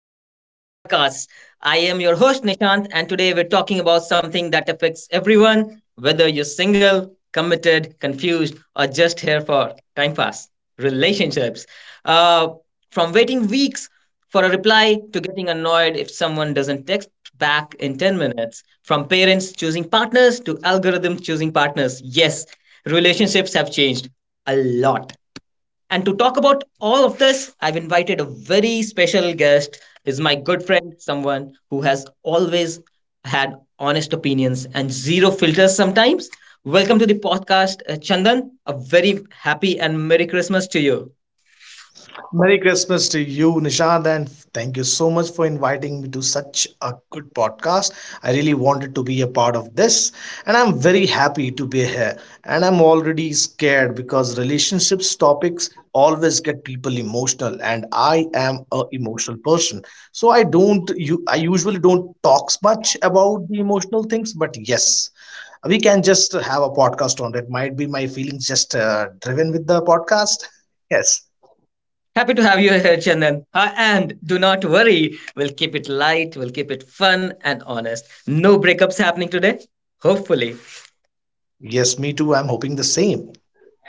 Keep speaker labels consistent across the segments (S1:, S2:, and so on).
S1: Welcome to our podcast. I am your host, Nishant, and today we're talking about something that affects everyone, whether you're single, committed, confused, or just here for time pass relationships. Uh, from waiting weeks for a reply to getting annoyed if someone doesn't text back in 10 minutes, from parents choosing partners to algorithms choosing partners. Yes, relationships have changed a lot. And to talk about all of this, I've invited a very special guest. He's my good friend, someone who has always had honest opinions and zero filters sometimes. Welcome to the podcast, Chandan. A very happy and Merry Christmas to you.
S2: Merry Christmas to you, Nishad, and thank you so much for inviting me to such a good podcast. I really wanted to be a part of this, and I'm very happy to be here. And I'm already scared because relationships topics always get people emotional, and I am a emotional person. So I usually don't talk much about the emotional things, but yes, we can just have a podcast on it. Might be my feelings just driven with the podcast. Yes.
S1: Happy to have you here, Chandan. And do not worry, we'll keep it light, we'll keep it fun and honest. No breakups happening today, hopefully.
S2: Yes, me too. I'm hoping the same.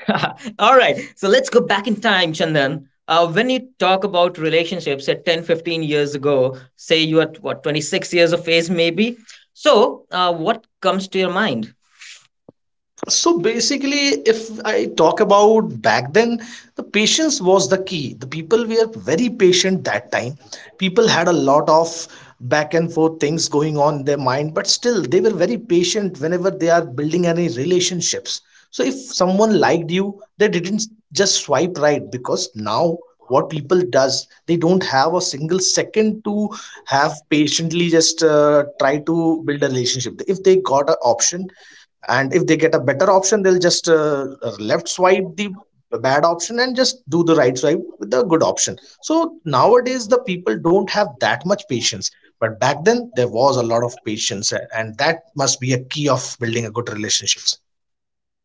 S1: All right. So let's go back in time, Chandan. When you talk about relationships at 10, 15 years ago, say you are what, 26 years of age, maybe. So, what comes to your mind?
S2: So basically, if I talk about back then, the patience was the key. The people were very patient that time. People had a lot of back and forth things going on in their mind, but still they were very patient whenever they are building any relationships. So if someone liked you, they didn't just swipe right, because now what people does, they don't have a single second to have patiently just try to build a relationship if they got an option, and if they get a better option they'll just left swipe the bad option and just do the right swipe with the good option. So nowadays the people don't have that much patience, but back then there was a lot of patience, and that must be a key of building a good relationships.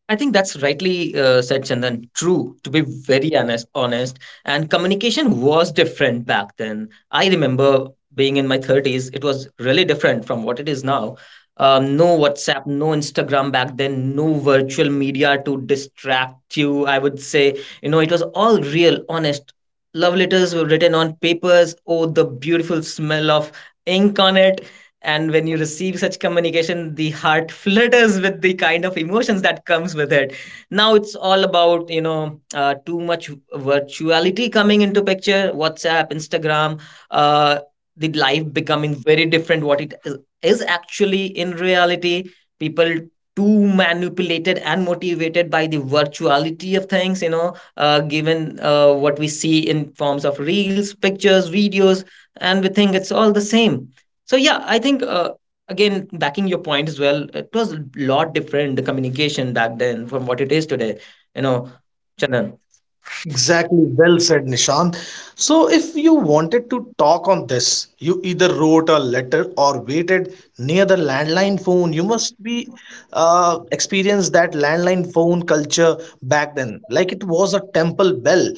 S1: I think that's rightly said, Chandan. True, to be very honest, honest. And communication was different back then. I remember being in my 30s, it was really different from what it is now. No WhatsApp, no Instagram back then, no virtual media to distract you. I would say, you know, it was all real, honest. Love letters were written on papers. Oh, the beautiful smell of ink on it, and when you receive such communication, the heart flutters with the kind of emotions that comes with it. Now it's all about, you know, too much virtuality coming into picture, whatsapp, instagram, uh, the life becoming very different. What it is actually in reality people too manipulated and motivated by the virtuality of things, you know, given what we see in forms of reels, pictures, videos, and we think it's all the same. So yeah, I think again backing your point as well, it was a lot different, the communication back then from what it is today. You know, Chandan.
S2: Exactly, well said, Nishant. So, if you wanted to talk on this, you either wrote a letter or waited near the landline phone. You must be experienced that landline phone culture back then, like it was a temple bell.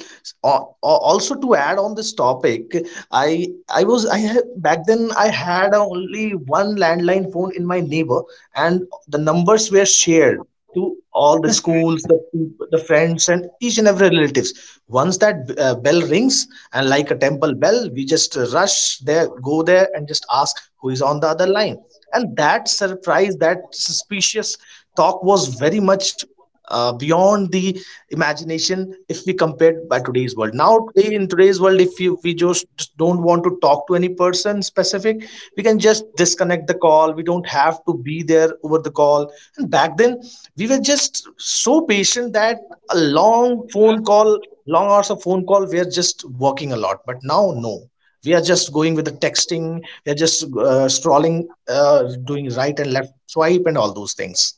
S2: Or, also, to add on this topic, I had, back then I had only one landline phone in my neighbor, and the numbers were shared to all the schools, the people, the friends, and each and every relatives. Once that bell rings, and like a temple bell, we just rush there, go there, and just ask who is on the other line. And that surprise, that suspicious talk was very much beyond the imagination if we compared by today's world. Now today, in today's world, if you we just, don't want to talk to any person specific, we can just disconnect the call. We don't have to be there over the call. And back then, we were just so patient that a long phone call, long hours of phone call, we are just working a lot. But now no, we are just going with the texting, we are just scrolling, doing right and left swipe and all those things.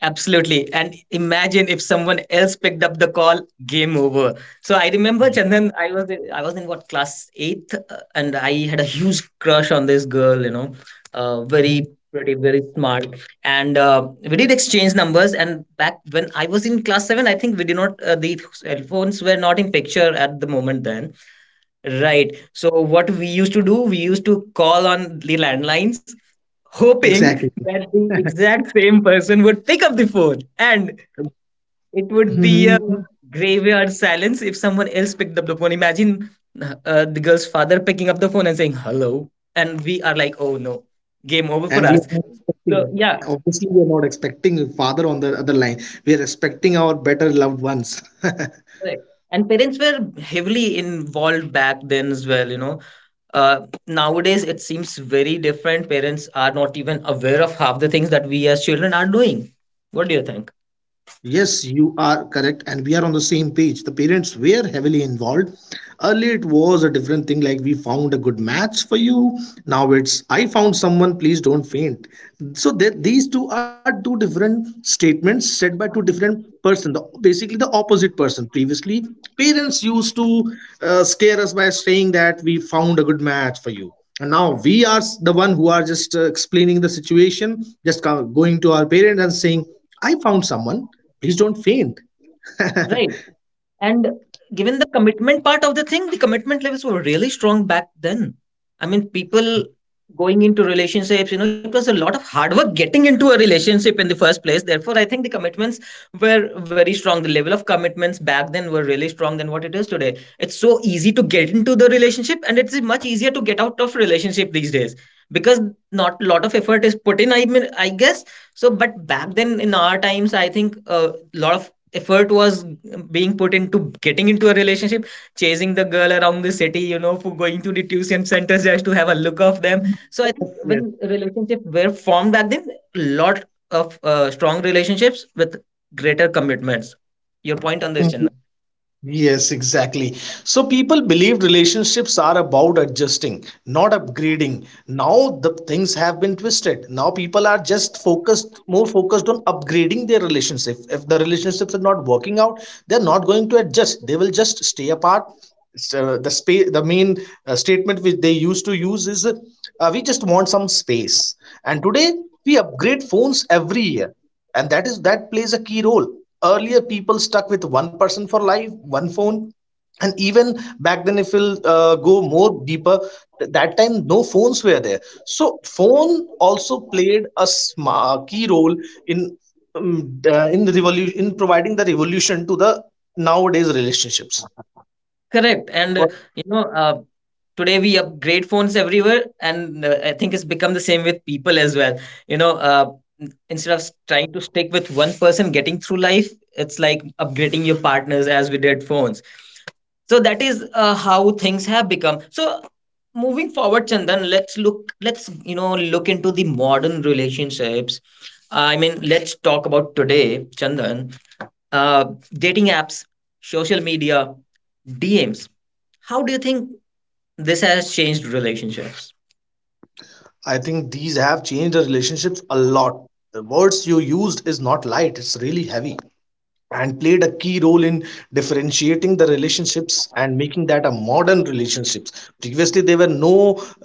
S1: Absolutely. And imagine if someone else picked up the call, game over. So I remember Chandan, I was in what class 8th, and I had a huge crush on this girl, you know, very pretty, very smart. And we did exchange numbers. And back when I was in class 7, I think we did not the cell phones were not in picture at the moment then. Right. So what we used to do, we used to call on the landlines, hoping
S2: Exactly.
S1: that the exact same person would pick up the phone, and it would be a
S2: Mhm.
S1: graveyard silence if someone else picked up the phone. Imagine the girl's father picking up the phone and saying hello, and we are like, oh no, game over for
S2: And we are
S1: us.
S2: not
S1: So
S2: expecting,
S1: yeah.
S2: obviously, we are not expecting a father on the other line. We are expecting our better loved ones.
S1: Correct. And parents were heavily involved back then as well, you know, nowadays it seems very different. Parents are not even aware of half the things that we as children are doing. What do you think?
S2: Yes, you are correct, and we are on the same page. The parents were heavily involved. Earlier, it was a different thing like, "We found a good match for you." Now it's, "I found someone, please don't faint." So, that these two are two different statements said by two different person. The basically the opposite person, previously parents used to scare us by saying that, "We found a good match for you," and now we are the one who are just explaining the situation, just going to our parents and saying, "I found someone. Please don't faint."
S1: Right. And given the commitment part of the thing, the commitment levels were really strong back then. I mean, people going into relationships, you know, it was a lot of hard work getting into a relationship in the first place. Therefore, I think the commitments were very strong. The level of commitments back then were really strong than what it is today. It's so easy to get into the relationship and it's much easier to get out of relationship these days because not a lot of effort is put in, I mean, I guess. So, but back then in our times, I think a lot of effort was being put into getting into a relationship, chasing the girl around the city, you know, for going to the tuition centers just to have a look of them. So I think when
S2: Yes.
S1: relationships were formed back then, lot of strong relationships with greater commitments. Your point on this,
S2: Mhm.
S1: Chinna?
S2: Yes, exactly. So people believe relationships are about adjusting, not upgrading. Now the things have been twisted. Now people are just focused, more focused on upgrading their relationship. If the relationships are not working out, they're not going to adjust. They will just stay apart. So the space, the main statement which they used to use is, "We just want some space." And today we upgrade phones every year, and that is, that plays a key role. Earlier people stuck with one person for life, one phone. And even back then, if we'll go more deeper, that time no phones were there, so phone also played a key role in, in the revolution, in providing the revolution to the nowadays relationships.
S1: Correct. And you know, today we upgrade phones everywhere, and I think it's become the same with people as well. You know, instead of trying to stick with one person getting through life, it's like upgrading your partners as we did phones. So that is how things have become. So moving forward, Chandan, let's you know look into the modern relationships. I mean, let's talk about today, Chandan. Uh, Dating apps, social media, DMs. How do you think this has changed relationships?
S2: I think these have changed the relationships a lot. The words you used is not light, it's really heavy, and played a key role in differentiating the relationships and making that a modern relationships. Previously there were no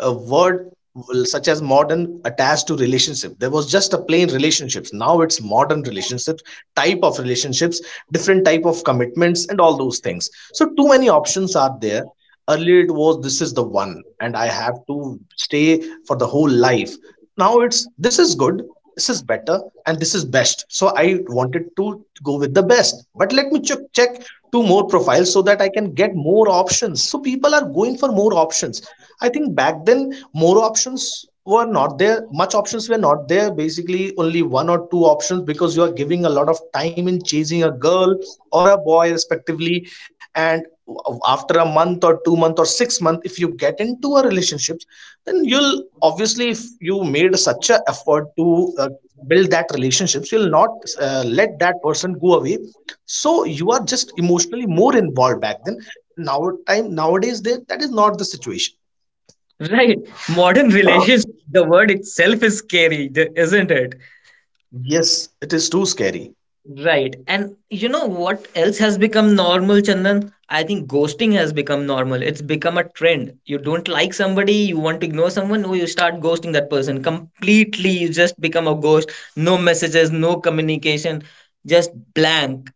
S2: word, well, such as modern attached to relationship. There was just a plain relationships. Now it's modern relationships, type of relationships, different type of commitments and all those things. So too many options are there. Earlier it was, "This is the one and I have to stay for the whole life." Now it's, "This is good, this is better, and this is best. So I wanted to go with the best. But let me check two more profiles so that I can get more options." So people are going for more options. I think back then more options were not there. Much options were not there. Basically, only one or two options, because you are giving a lot of time in chasing a girl or a boy, respectively. And after a month or 2 month or 6 month, if you get into a relationship, then you'll obviously, if you made such a effort to build that relationships, you'll not let that person go away. So you are just emotionally more involved back then. Now time, nowadays, that is not the situation.
S1: Right. Modern relations, the word itself is scary, isn't it?
S2: Yes, it is too scary.
S1: Right. And you know what else has become normal, Chandan? I think ghosting has become normal. It's become a trend. You don't like somebody, you want to ignore someone, oh, you start ghosting that person completely. You just become a ghost. No messages, no communication, just blank.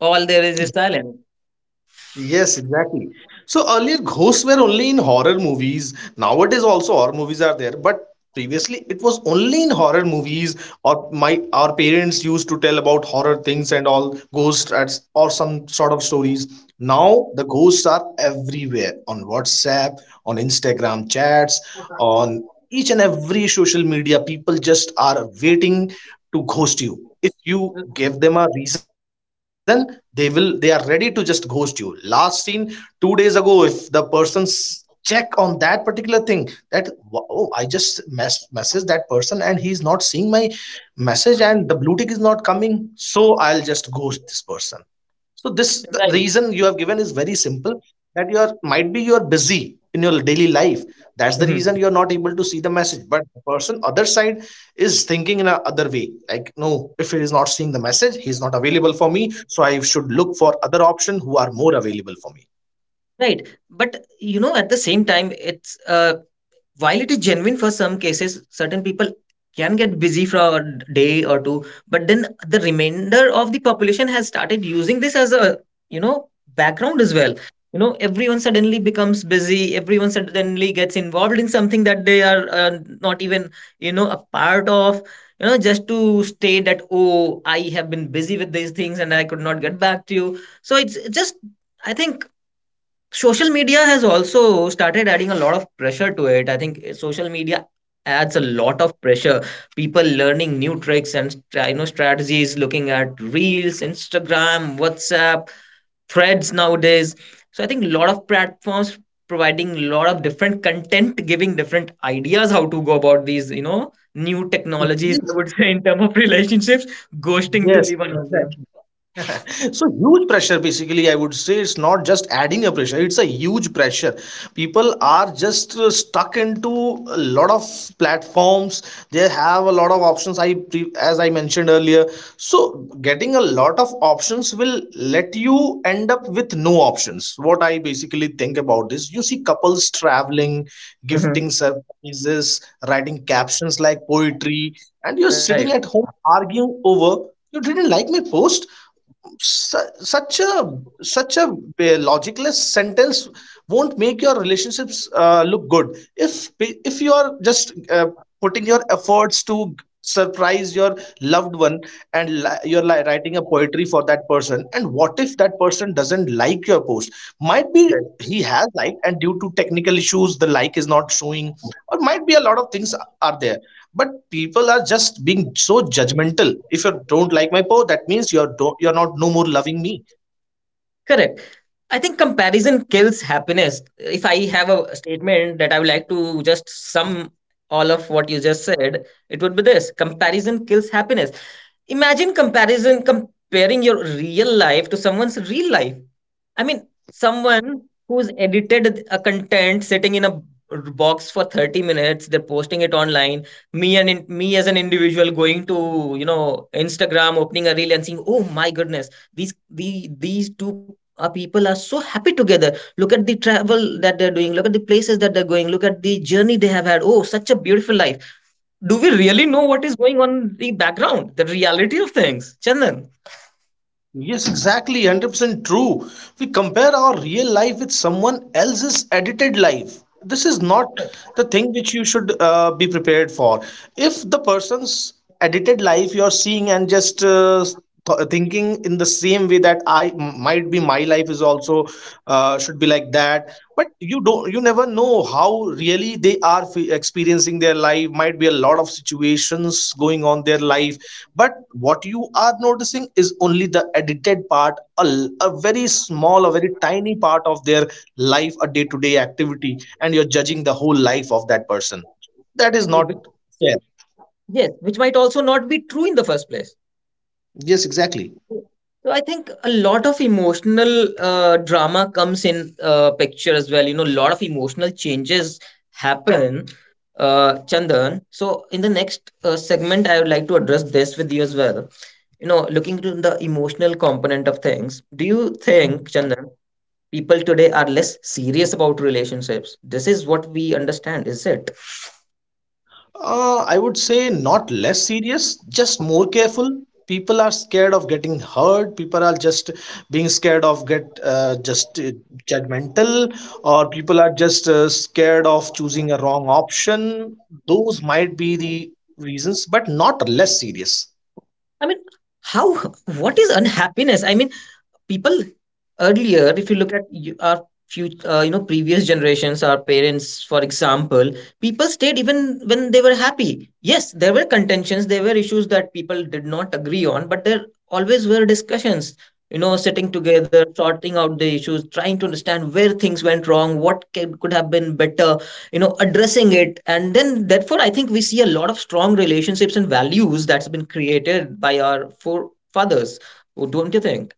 S1: All there is silence.
S2: Yes, exactly. So earlier ghosts were only in horror movies. Nowadays also horror movies are there, but previously it was only in horror movies, or my our parents used to tell about horror things and all ghosts at, or some sort of stories. Now the ghosts are everywhere, on WhatsApp, on Instagram chats, on each and every social media. People just are waiting to ghost you. If you give them a reason, they are ready to just ghost you. Last seen 2 days ago, if the person's check on that particular thing that, "Wow, oh, I just message that person and he's not seeing my message, and the blue tick is not coming, so I'll just ghost this person." So this the
S1: Right.
S2: reason you have given is very simple, that you are, might be you are busy in your daily life. That's the
S1: Mhm.
S2: reason you are not able to see the message. But the person other side is thinking in a other way. Like, no, if he is not seeing the message, he is not available for me. So I should look for other option who are more available for me.
S1: Right. But you know, at the same time, it's while it is genuine for some cases, certain people can get busy for a day or two, but then the remainder of the population has started using this as a, you know, background as well. You know, everyone suddenly becomes busy. Everyone suddenly gets involved in something that they are not even, you know, a part of. You know, just to state that oh, I have been busy with these things and I could not get back to you. So it's just I think social media has also started adding a lot of pressure to it. I think social media adds a lot of pressure. People learning new tricks and you know strategies, looking at reels, Instagram, WhatsApp, threads nowadays. So I think a lot of platforms providing a lot of different content, giving different ideas how to go about these, you know, new technologies. I
S2: Yes,
S1: would say in terms of relationships, ghosting to
S2: yes,
S1: be one of them.
S2: exactly. So huge pressure, basically. I would say it's not just adding a pressure, it's a huge pressure. People are just stuck into a lot of platforms. They have a lot of options, I as I mentioned earlier. So getting a lot of options will let you end up with no options. What I basically think about this, you see couples traveling,
S1: Mhm.
S2: gifting surprises, writing captions like poetry, and you're
S1: Right.
S2: sitting at home arguing over, "You didn't like my post." Su- Such a, such a logicless sentence won't make your relationships look good. If you are just putting your efforts to surprise your loved one, and you're writing a poetry for that person, and what if that person doesn't like your post? Might be he has liked and due to technical issues the like is not showing, or might be a lot of things are there. But people are just being so judgmental. If you don't like my post, that means you're not no more loving me.
S1: Correct. I think comparison kills happiness. If I have a statement that I would like to just sum all of what you just said, it would be this: comparison kills happiness. Imagine comparison comparing your real life to someone's real life. I mean, someone who's edited a content sitting in a box for 30 minutes, they're posting it online. Me as an individual going to, you know, instagram, opening a reel and seeing oh my goodness, these two people are so happy together. Look at the travel that they're doing. Look at the places that they're going. Look at the journey they have had. Oh, such a beautiful life. Do we really know what is going on in the background, the reality of things, Chandan?
S2: Yes, exactly, 100% true. We compare our real life with someone else's edited life. This is not the thing which you should be prepared for. If the person's edited life you're seeing, and just thinking in the same way that might be my life is also should be like that. But you never know how really they are experiencing their life. Might be a lot of situations going on their life, but what you are noticing is only the edited part, a very small, a very tiny part of their life, a day to day activity, and you're judging the whole life of that person. That is not fair.
S1: Yes, which might also not be true in the first place.
S2: Yes, exactly.
S1: So I think a lot of emotional drama comes in picture as well. You know, a lot of emotional changes happen, Chandan. So in the next segment, I would like to address this with you as well. You know, looking to the emotional component of things, do you think, Chandan, people today are less serious about relationships? This is what we understand, is it?
S2: I would say not less serious, just more careful. People are scared of getting hurt. People are just being scared of get just judgmental, or people are just scared of choosing a wrong option. Those might be the reasons, but not less serious.
S1: I mean, how? What is unhappiness? I mean, people earlier, if you look at you, our few, you know, previous generations, our parents, for example, people stayed even when they were happy. Yes, there were contentions, there were issues that people did not agree on, but there always were discussions. You know, sitting together, sorting out the issues, trying to understand where things went wrong, what could have been better, you know, addressing it. And then therefore I think we see a lot of strong relationships and values that's been created by our forefathers. Oh, don't you think.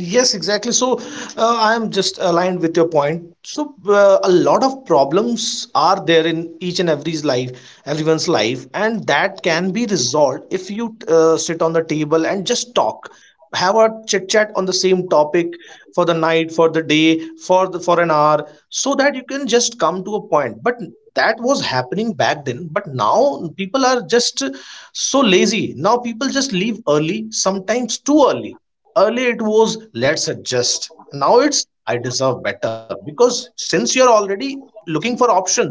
S2: Yes, exactly. So I am just aligned with your point. So a lot of problems are there in each and every's life, everyone's life, and that can be resolved if you sit on the table and just talk, have a chit chat on the same topic for the night, for the day, for an hour, so that you can just come to a point. But that was happening back then. But now people are just so lazy. Now people just leave early, sometimes too early. Earlier it was let's adjust. Now it's I deserve better, because since you're already looking for options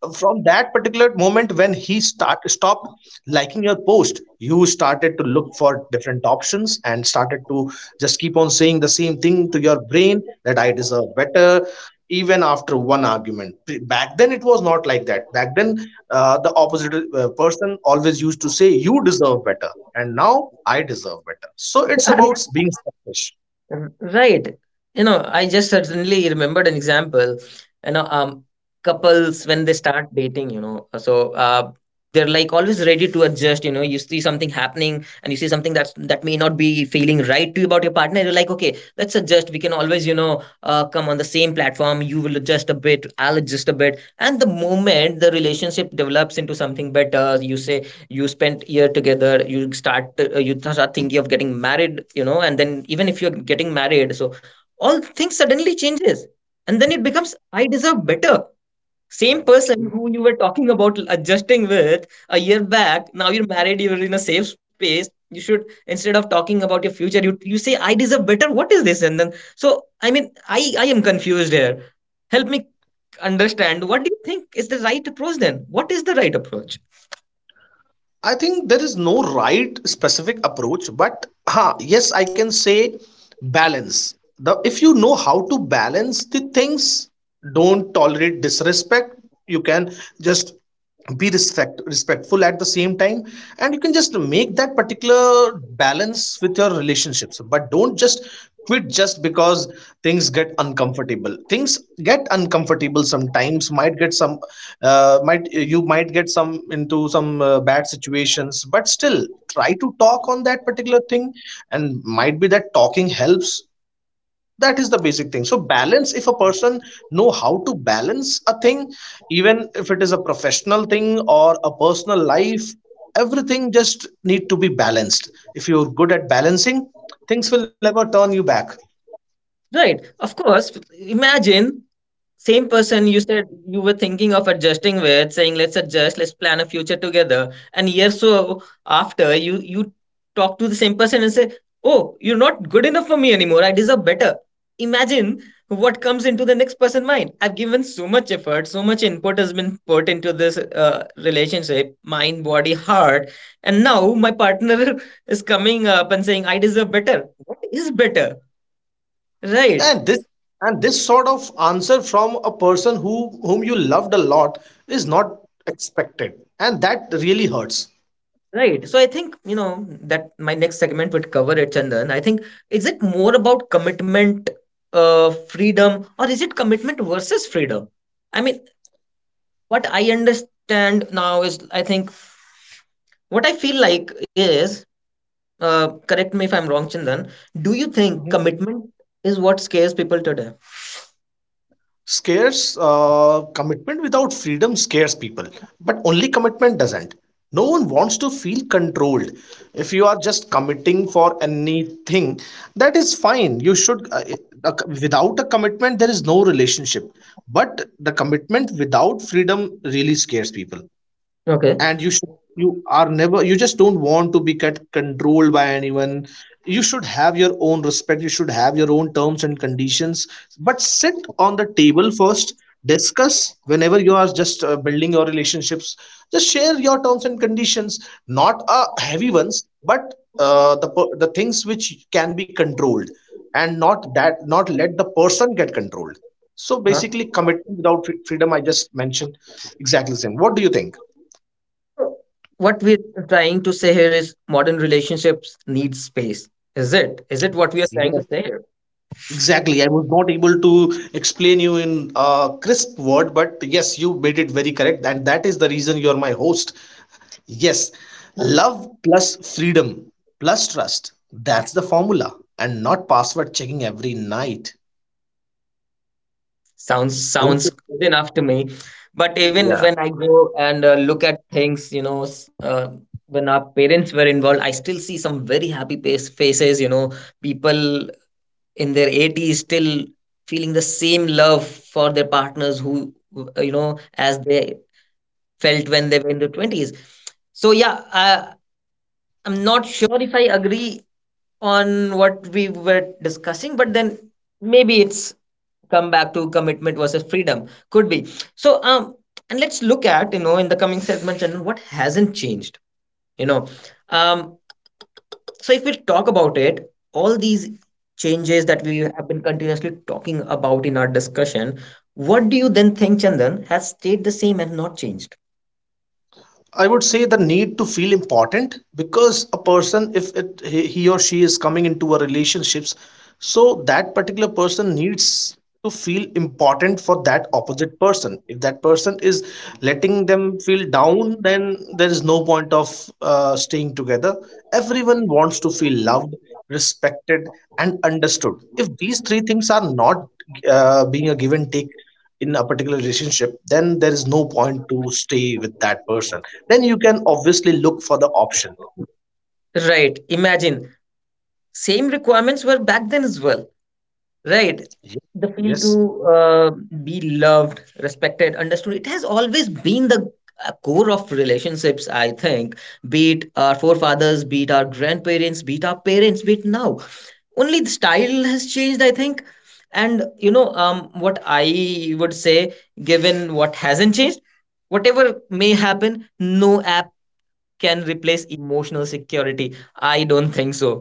S2: from that particular moment when he start stopped liking your post, you started to look for different options and started to just keep on saying the same thing to your brain that I deserve better, even after one argument. Back then, it was not like that. Back then, the opposite person always used to say, "You deserve better." And now, I deserve better. So it's
S1: Yeah.
S2: about being selfish.
S1: Right. You know, I just suddenly remembered an example. You know, couples when they start dating, you know, so they're like always ready to adjust. You know, you see something happening and you see something that may not be feeling right to you about your partner. You're like, okay, let's adjust. We can always, you know, come on the same platform. You will adjust a bit. I'll adjust a bit. And the moment the relationship develops into something better, you say, you spent a year together. You start you start thinking of getting married, you know. And then even if you're getting married, so all things suddenly changes. And then it becomes, I deserve better. Same person who you were talking about adjusting with a year back, now you're married, you're in a safe space. You should, instead of talking about your future, you say I deserve better. What is this? And then, so I am confused here. Help me understand, what do you think is the right approach then? What is the right approach?
S2: I think there is no right specific approach, but yes, I can say balance. The if you know how to balance the things, don't tolerate disrespect. You can just be respectful at the same time, and you can just make that particular balance with your relationships. But don't just quit just because things get uncomfortable. Things get uncomfortable sometimes, might get some might, you might get some into some bad situations, but still try to talk on that particular thing, and might be that talking helps. That is the basic thing. So balance, if a person know how to balance a thing, even if it is a professional thing or a personal life, everything just need to be balanced. If you're good at balancing, things will never turn you back.
S1: Right. Of course. Imagine same person you said you were thinking of adjusting with, saying let's adjust, let's plan a future together. And year so after you talk to the same person and say, oh, you're not good enough for me anymore. I deserve better. Imagine what comes into the next person's mind. I've given so much effort, so much input has been put into this relationship, mind, body, heart, and now my partner is coming up and saying, "I deserve better." What is better, right?
S2: And this and this sort of answer from a person who whom you loved a lot is not expected, and that really hurts.
S1: Right. So I think, you know, that my next segment would cover it, Chandan. I think, is it more about commitment, freedom, or is it commitment versus freedom? I mean, what I understand now is, I think, what I feel like is, correct me if I'm wrong, Chandan, do you think
S2: Mhm.
S1: commitment is what scares people today?
S2: Scares, commitment without freedom scares people, but only commitment doesn't. No one wants to feel controlled. If you are just committing for anything, that is fine. You should uh, without a commitment there is no relationship. But the commitment without freedom really scares people.
S1: Okay.
S2: And you should, you are never, you just don't want to be get controlled by anyone. You should have your own respect, you should have your own terms and conditions, but sit on the table first. Discuss whenever you are just building your relationships, just share your terms and conditions, not heavy ones, but the things which can be controlled, and not that, not let the person get controlled. So basically,
S1: Uh-huh.
S2: commitment without freedom, I just mentioned exactly the same. What do you think?
S1: So what we're trying to say here is modern relationships need space. Is it? Is it what we are trying to say here?
S2: Exactly. I was not able to explain you in a crisp word, but yes, you made it very correct. And that is the reason you're my host. Yes, love plus freedom plus trust. That's the formula, and not password checking every night.
S1: sounds
S2: Don't.
S1: sounds good enough to me. But even when I go and look at things, you know, when our parents were involved, I still see some very happy faces, you know. People in their 80s still feeling the same love for their partners who, you know, as they felt when they were in their 20s. So yeah, I'm not sure if I agree on what we were discussing. But then maybe it's come back to commitment versus freedom, could be. So and let's look at, you know, in the coming segments and what hasn't changed, you know. um so if we talk about it, all these changes that we have been continuously talking about in our discussion, what do you then think, Chandan, has stayed the same and not changed?
S2: I would say the need to feel important, because a person, if it, he or she is coming into a relationships, so that particular person needs to feel important for that opposite person. If that person is letting them feel down, then there is no point of staying together. Everyone wants to feel loved, respected, and understood. If these three things are not being a give and take in a particular relationship, then there is no point to stay with that person. Then you can obviously look for the option.
S1: Right. Imagine same requirements were back then as well, right?
S2: Ye-
S1: The feel to
S2: yes.
S1: be loved, respected, understood, it has always been the core of relationships, I think. Be it our forefathers, be it our grandparents, be it our parents, be it now, only the style has changed, I think. And you know, what I would say, given what hasn't changed, whatever may happen, no app can replace emotional security, I don't think so.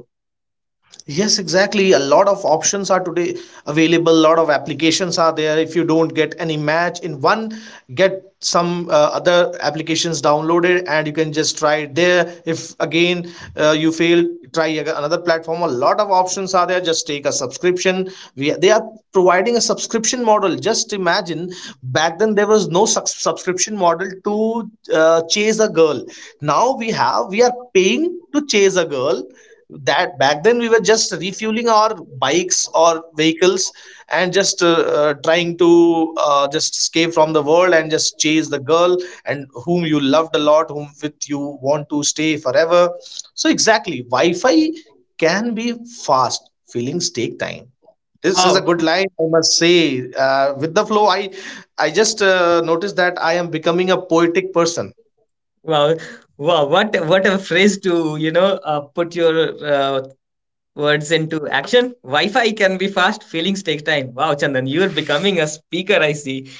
S2: Yes, exactly. A lot of options are today available. A lot of applications are there. If you don't get any match in one, get some other applications downloaded and you can just try it there. If again you fail, try another platform. A lot of options are there. Just take a subscription. They are providing a subscription model. Just imagine back then there was no subscription model to chase a girl. Now we have, we are paying to chase a girl, that back then we were just refueling our bikes or vehicles and just trying to just escape from the world and just chase the girl, and whom you loved a lot, whom with you want to stay forever. So exactly, Wi-Fi can be fast, feelings take time. This is a
S1: Wow.
S2: good line, I must say. With the flow, I just noticed that I am becoming a poetic person.
S1: Wow, wow, what a phrase to, you know, put your words into action. Wi-Fi can be fast, feelings take time. Wow, Chandan, you are becoming a speaker, I see.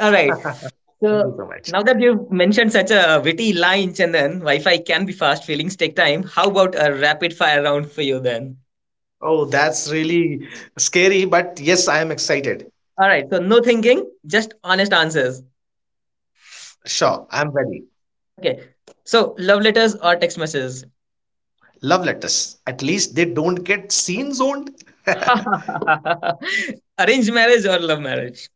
S1: All right.
S2: Thank you
S1: So
S2: so much.
S1: now that you've mentioned such a witty line, Chandan, Wi-Fi can be fast, feelings take time. How about a rapid fire round for you then?
S2: Oh, that's really scary, but yes, I am excited.
S1: All right. So no thinking, just honest answers.
S2: Sure, I'm ready.
S1: Okay. So love letters or text messages?
S2: Love letters. At least they don't get seen zoned.
S1: Arranged marriage or love marriage?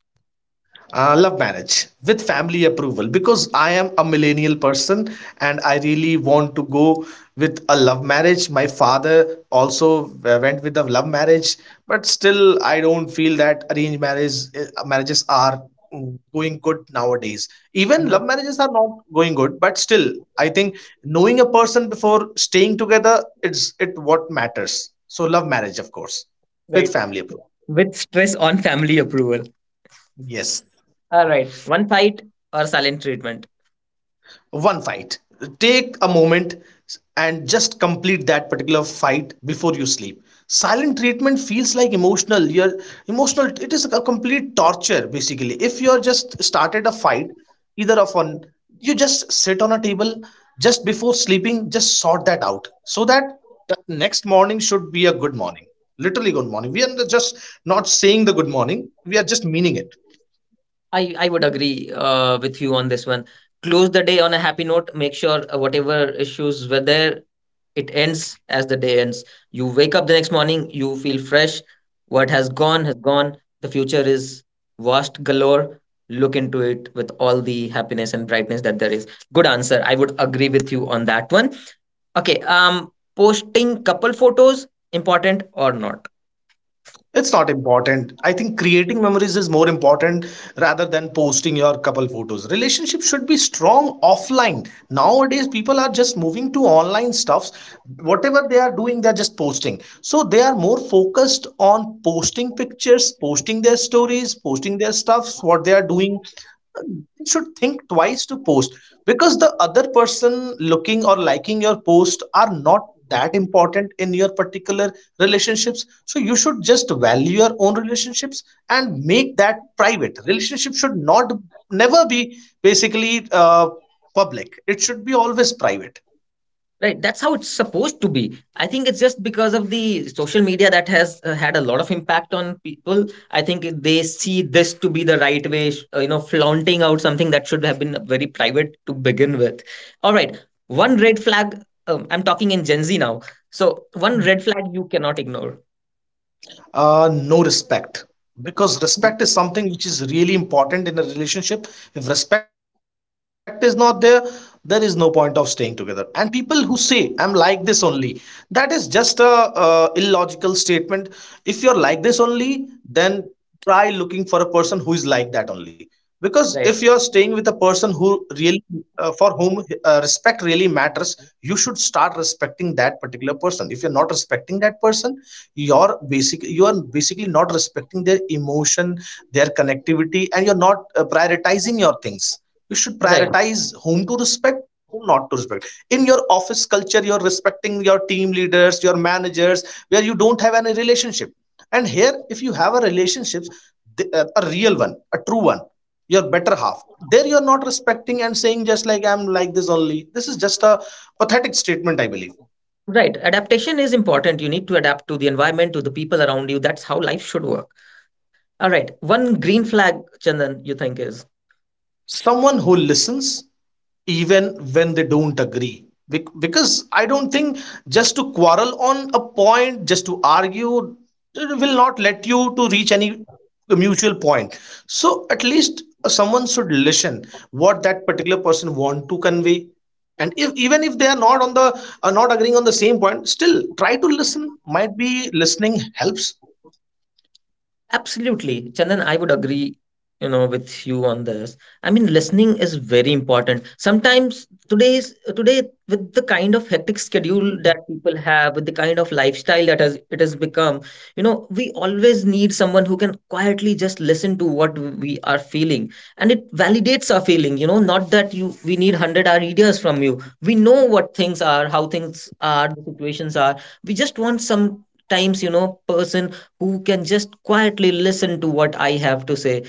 S2: Love marriage with family approval, because I am a millennial person and I really want to go with a love marriage. My father also went with a love marriage, but still I don't feel that arranged marriage marriages are going good nowadays. Even love marriages are not going good, but still I think knowing a person before staying together, it's it what matters. So love marriage, of course, with
S1: Right.
S2: family approval.
S1: With stress on family approval.
S2: Yes.
S1: All right. One fight or silent treatment?
S2: One fight. Take a moment and just complete that particular fight before you sleep. Silent treatment feels like emotional. You're emotional. It is a complete torture basically. If you're just started a fight, either of one, you just sit on a table just before sleeping. Just sort that out so that the next morning should be a good morning. Literally good morning. We are just not saying the good morning. We are just meaning it.
S1: I would agree with you on this one. Close the day on a happy note. Make sure whatever issues were there, it ends as the day ends. You wake up the next morning, you feel fresh. What has gone has gone. The future is vast galore. Look into it with all the happiness and brightness that there is. Good answer. I would agree with you on that one. Okay. Posting couple photos, important or not?
S2: It's not important. I think creating memories is more important rather than posting your couple photos. Relationship should be strong offline. Nowadays, people are just moving to online stuffs. Whatever they are doing, they're just posting. So they are more focused on posting pictures, posting their stories, posting their stuffs, what they are doing. They should think twice to post, because the other person looking or liking your post are not that important in your particular relationships. So you should just value your own relationships and make that private. Relationship should not never be basically public. It should be always private.
S1: Right, that's how it's supposed to be. I think it's just because of the social media that has had a lot of impact on people. I think they see this to be the right way, you know, flaunting out something that should have been very private to begin with. All right, one red flag. I'm talking in Gen Z now. So, one red flag you cannot ignore.
S2: No respect. Because respect is something which is really important in a relationship. If respect is not there, there is no point of staying together. And people who say, "I'm like this only," that is just a illogical statement. If you're like this only, then try looking for a person who is like that only. Because
S1: Right,
S2: if you're staying with a person who really for whom respect really matters, you should start respecting that particular person. If you're not respecting that person, you are basically not respecting their emotion, their connectivity, and you're not prioritizing your things. You should
S1: right,
S2: prioritize whom to respect, whom not to respect. In your office culture you're respecting your team leaders, your managers, where you don't have any relationship. And here, if you have a relationship, a real one, a true one, your better half, there you're not respecting and saying just like, "I'm like this only." This is just a pathetic statement, I believe.
S1: right. Adaptation is important. You need to adapt to the environment, to the people around you. That's how life should work. All right, one green flag, Chandan, you think is?
S2: Someone who listens even when they don't agree. Because I don't think just to quarrel on a point, just to argue, it will not let you to reach any mutual point. So at least someone should listen what that particular person want to convey. And if, even if they are not on the, are not agreeing on the same point, still try to listen, might be listening helps.
S1: Absolutely. Chandan, I would agree, you know, with you on this. I mean, listening is very important. Sometimes today with the kind of hectic schedule that people have, with the kind of lifestyle that has it has become, you know, we always need someone who can quietly just listen to what we are feeling. And it validates our feeling, you know, not that you we need hundred ideas from you. We know what things are, how things are, the situations are. We just want some times, you know, person who can just quietly listen to what I have to say,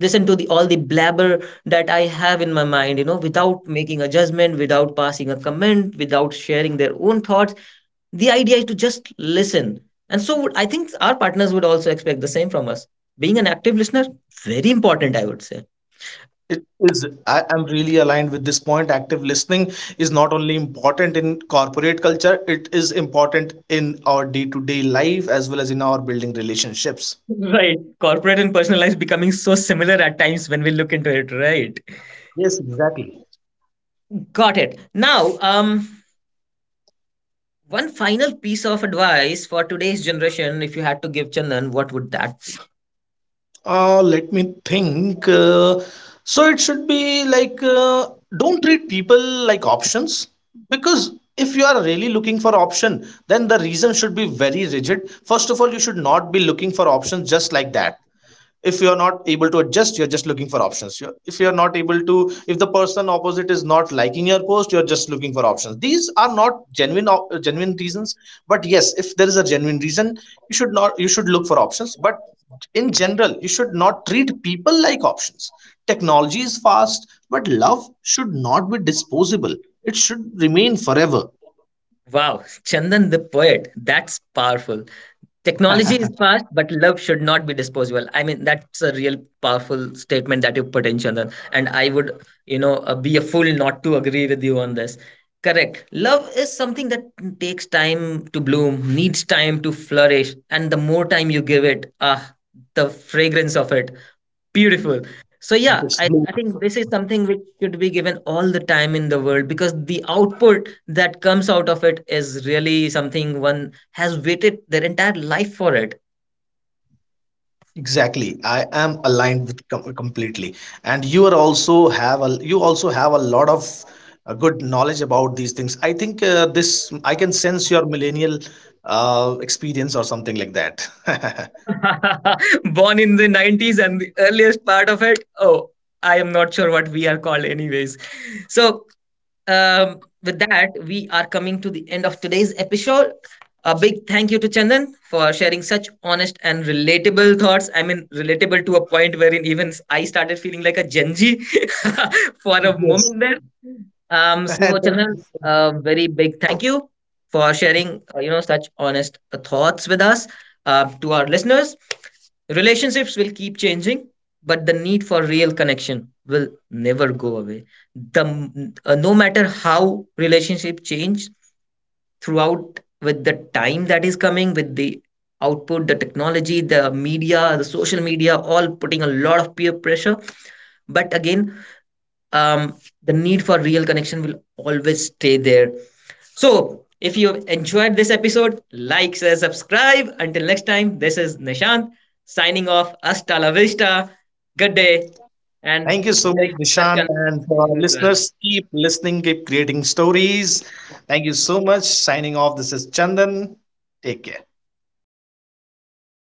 S1: listen to the all the blabber that I have in my mind, you know, without making a judgment, without passing a comment, without sharing their own thoughts. The idea is to just listen. And I think our partners would also expect the same from us. Being an active listener, very important, I would say.
S2: It is, I am really aligned with this point. Active listening is not only important in corporate culture, it is important in our day-to-day life as well as in our building relationships.
S1: Right. Corporate and personal lives becoming so similar at times when we look into it, right?
S2: Yes, exactly.
S1: Got it. Now, one final piece of advice for today's generation, if you had to give, Chandan, what would that be?
S2: Let me think. So it should be like don't treat people like options. Because if you are really looking for option, then the reason should be very rigid. First of all, you should not be looking for options just like that. If you are not able to adjust, you're just looking for options. You're, if you are not able to, if the person opposite is not liking your post, you're just looking for options. These are not genuine reasons. But yes, if there is a genuine reason, you should not, you should look for options. But in general, you should not treat people like options. Technology is fast, but love should not be disposable, it should remain forever.
S1: Wow, Chandan the poet. That's powerful. Technology is fast, but love should not be disposable. I mean, that's a real powerful statement that you put in, Chandan. And I would, you know, be a fool not to agree with you on this. Correct. Love is something that takes time to bloom, needs time to flourish. And the more time you give it, ah, the fragrance of it. Beautiful. So yeah,
S2: Yes.
S1: I think this is something which should be given all the time in the world because the output that comes out of it is really something one has waited their entire life for it.
S2: Exactly. I am aligned with completely. And you are also have a, you also have a lot of good knowledge about these things. I think this, I can sense your millennial experience or something like that.
S1: Born in the 90s and the earliest part of it, oh, I am not sure what we are called anyways. So with that, we are coming to the end of today's episode. A big thank you to Chandan for sharing such honest and relatable thoughts. I mean, relatable to a point wherein even I started feeling like a Genji for a
S2: Yes.
S1: moment there. So Chandan, a very big thank you for sharing, you know, such honest thoughts with us. To our listeners, relationships will keep changing, but the need for real connection will never go away. No matter how relationship change throughout, with the time that is coming, with the output, the technology, the media, the social media, all putting a lot of peer pressure. But again, um, the need for real connection will always stay there. So if you have enjoyed this episode, like, share, subscribe. Until next time, this is Nishant, signing off. Hasta la vista, good day, and
S2: Thank you so much,
S1: merry
S2: Nishant.
S1: Christmas
S2: And
S1: to
S2: for
S1: you
S2: our
S1: as well.
S2: listeners, keep listening, keep creating stories. Thank you so much. Signing off. This is Chandan. Take care.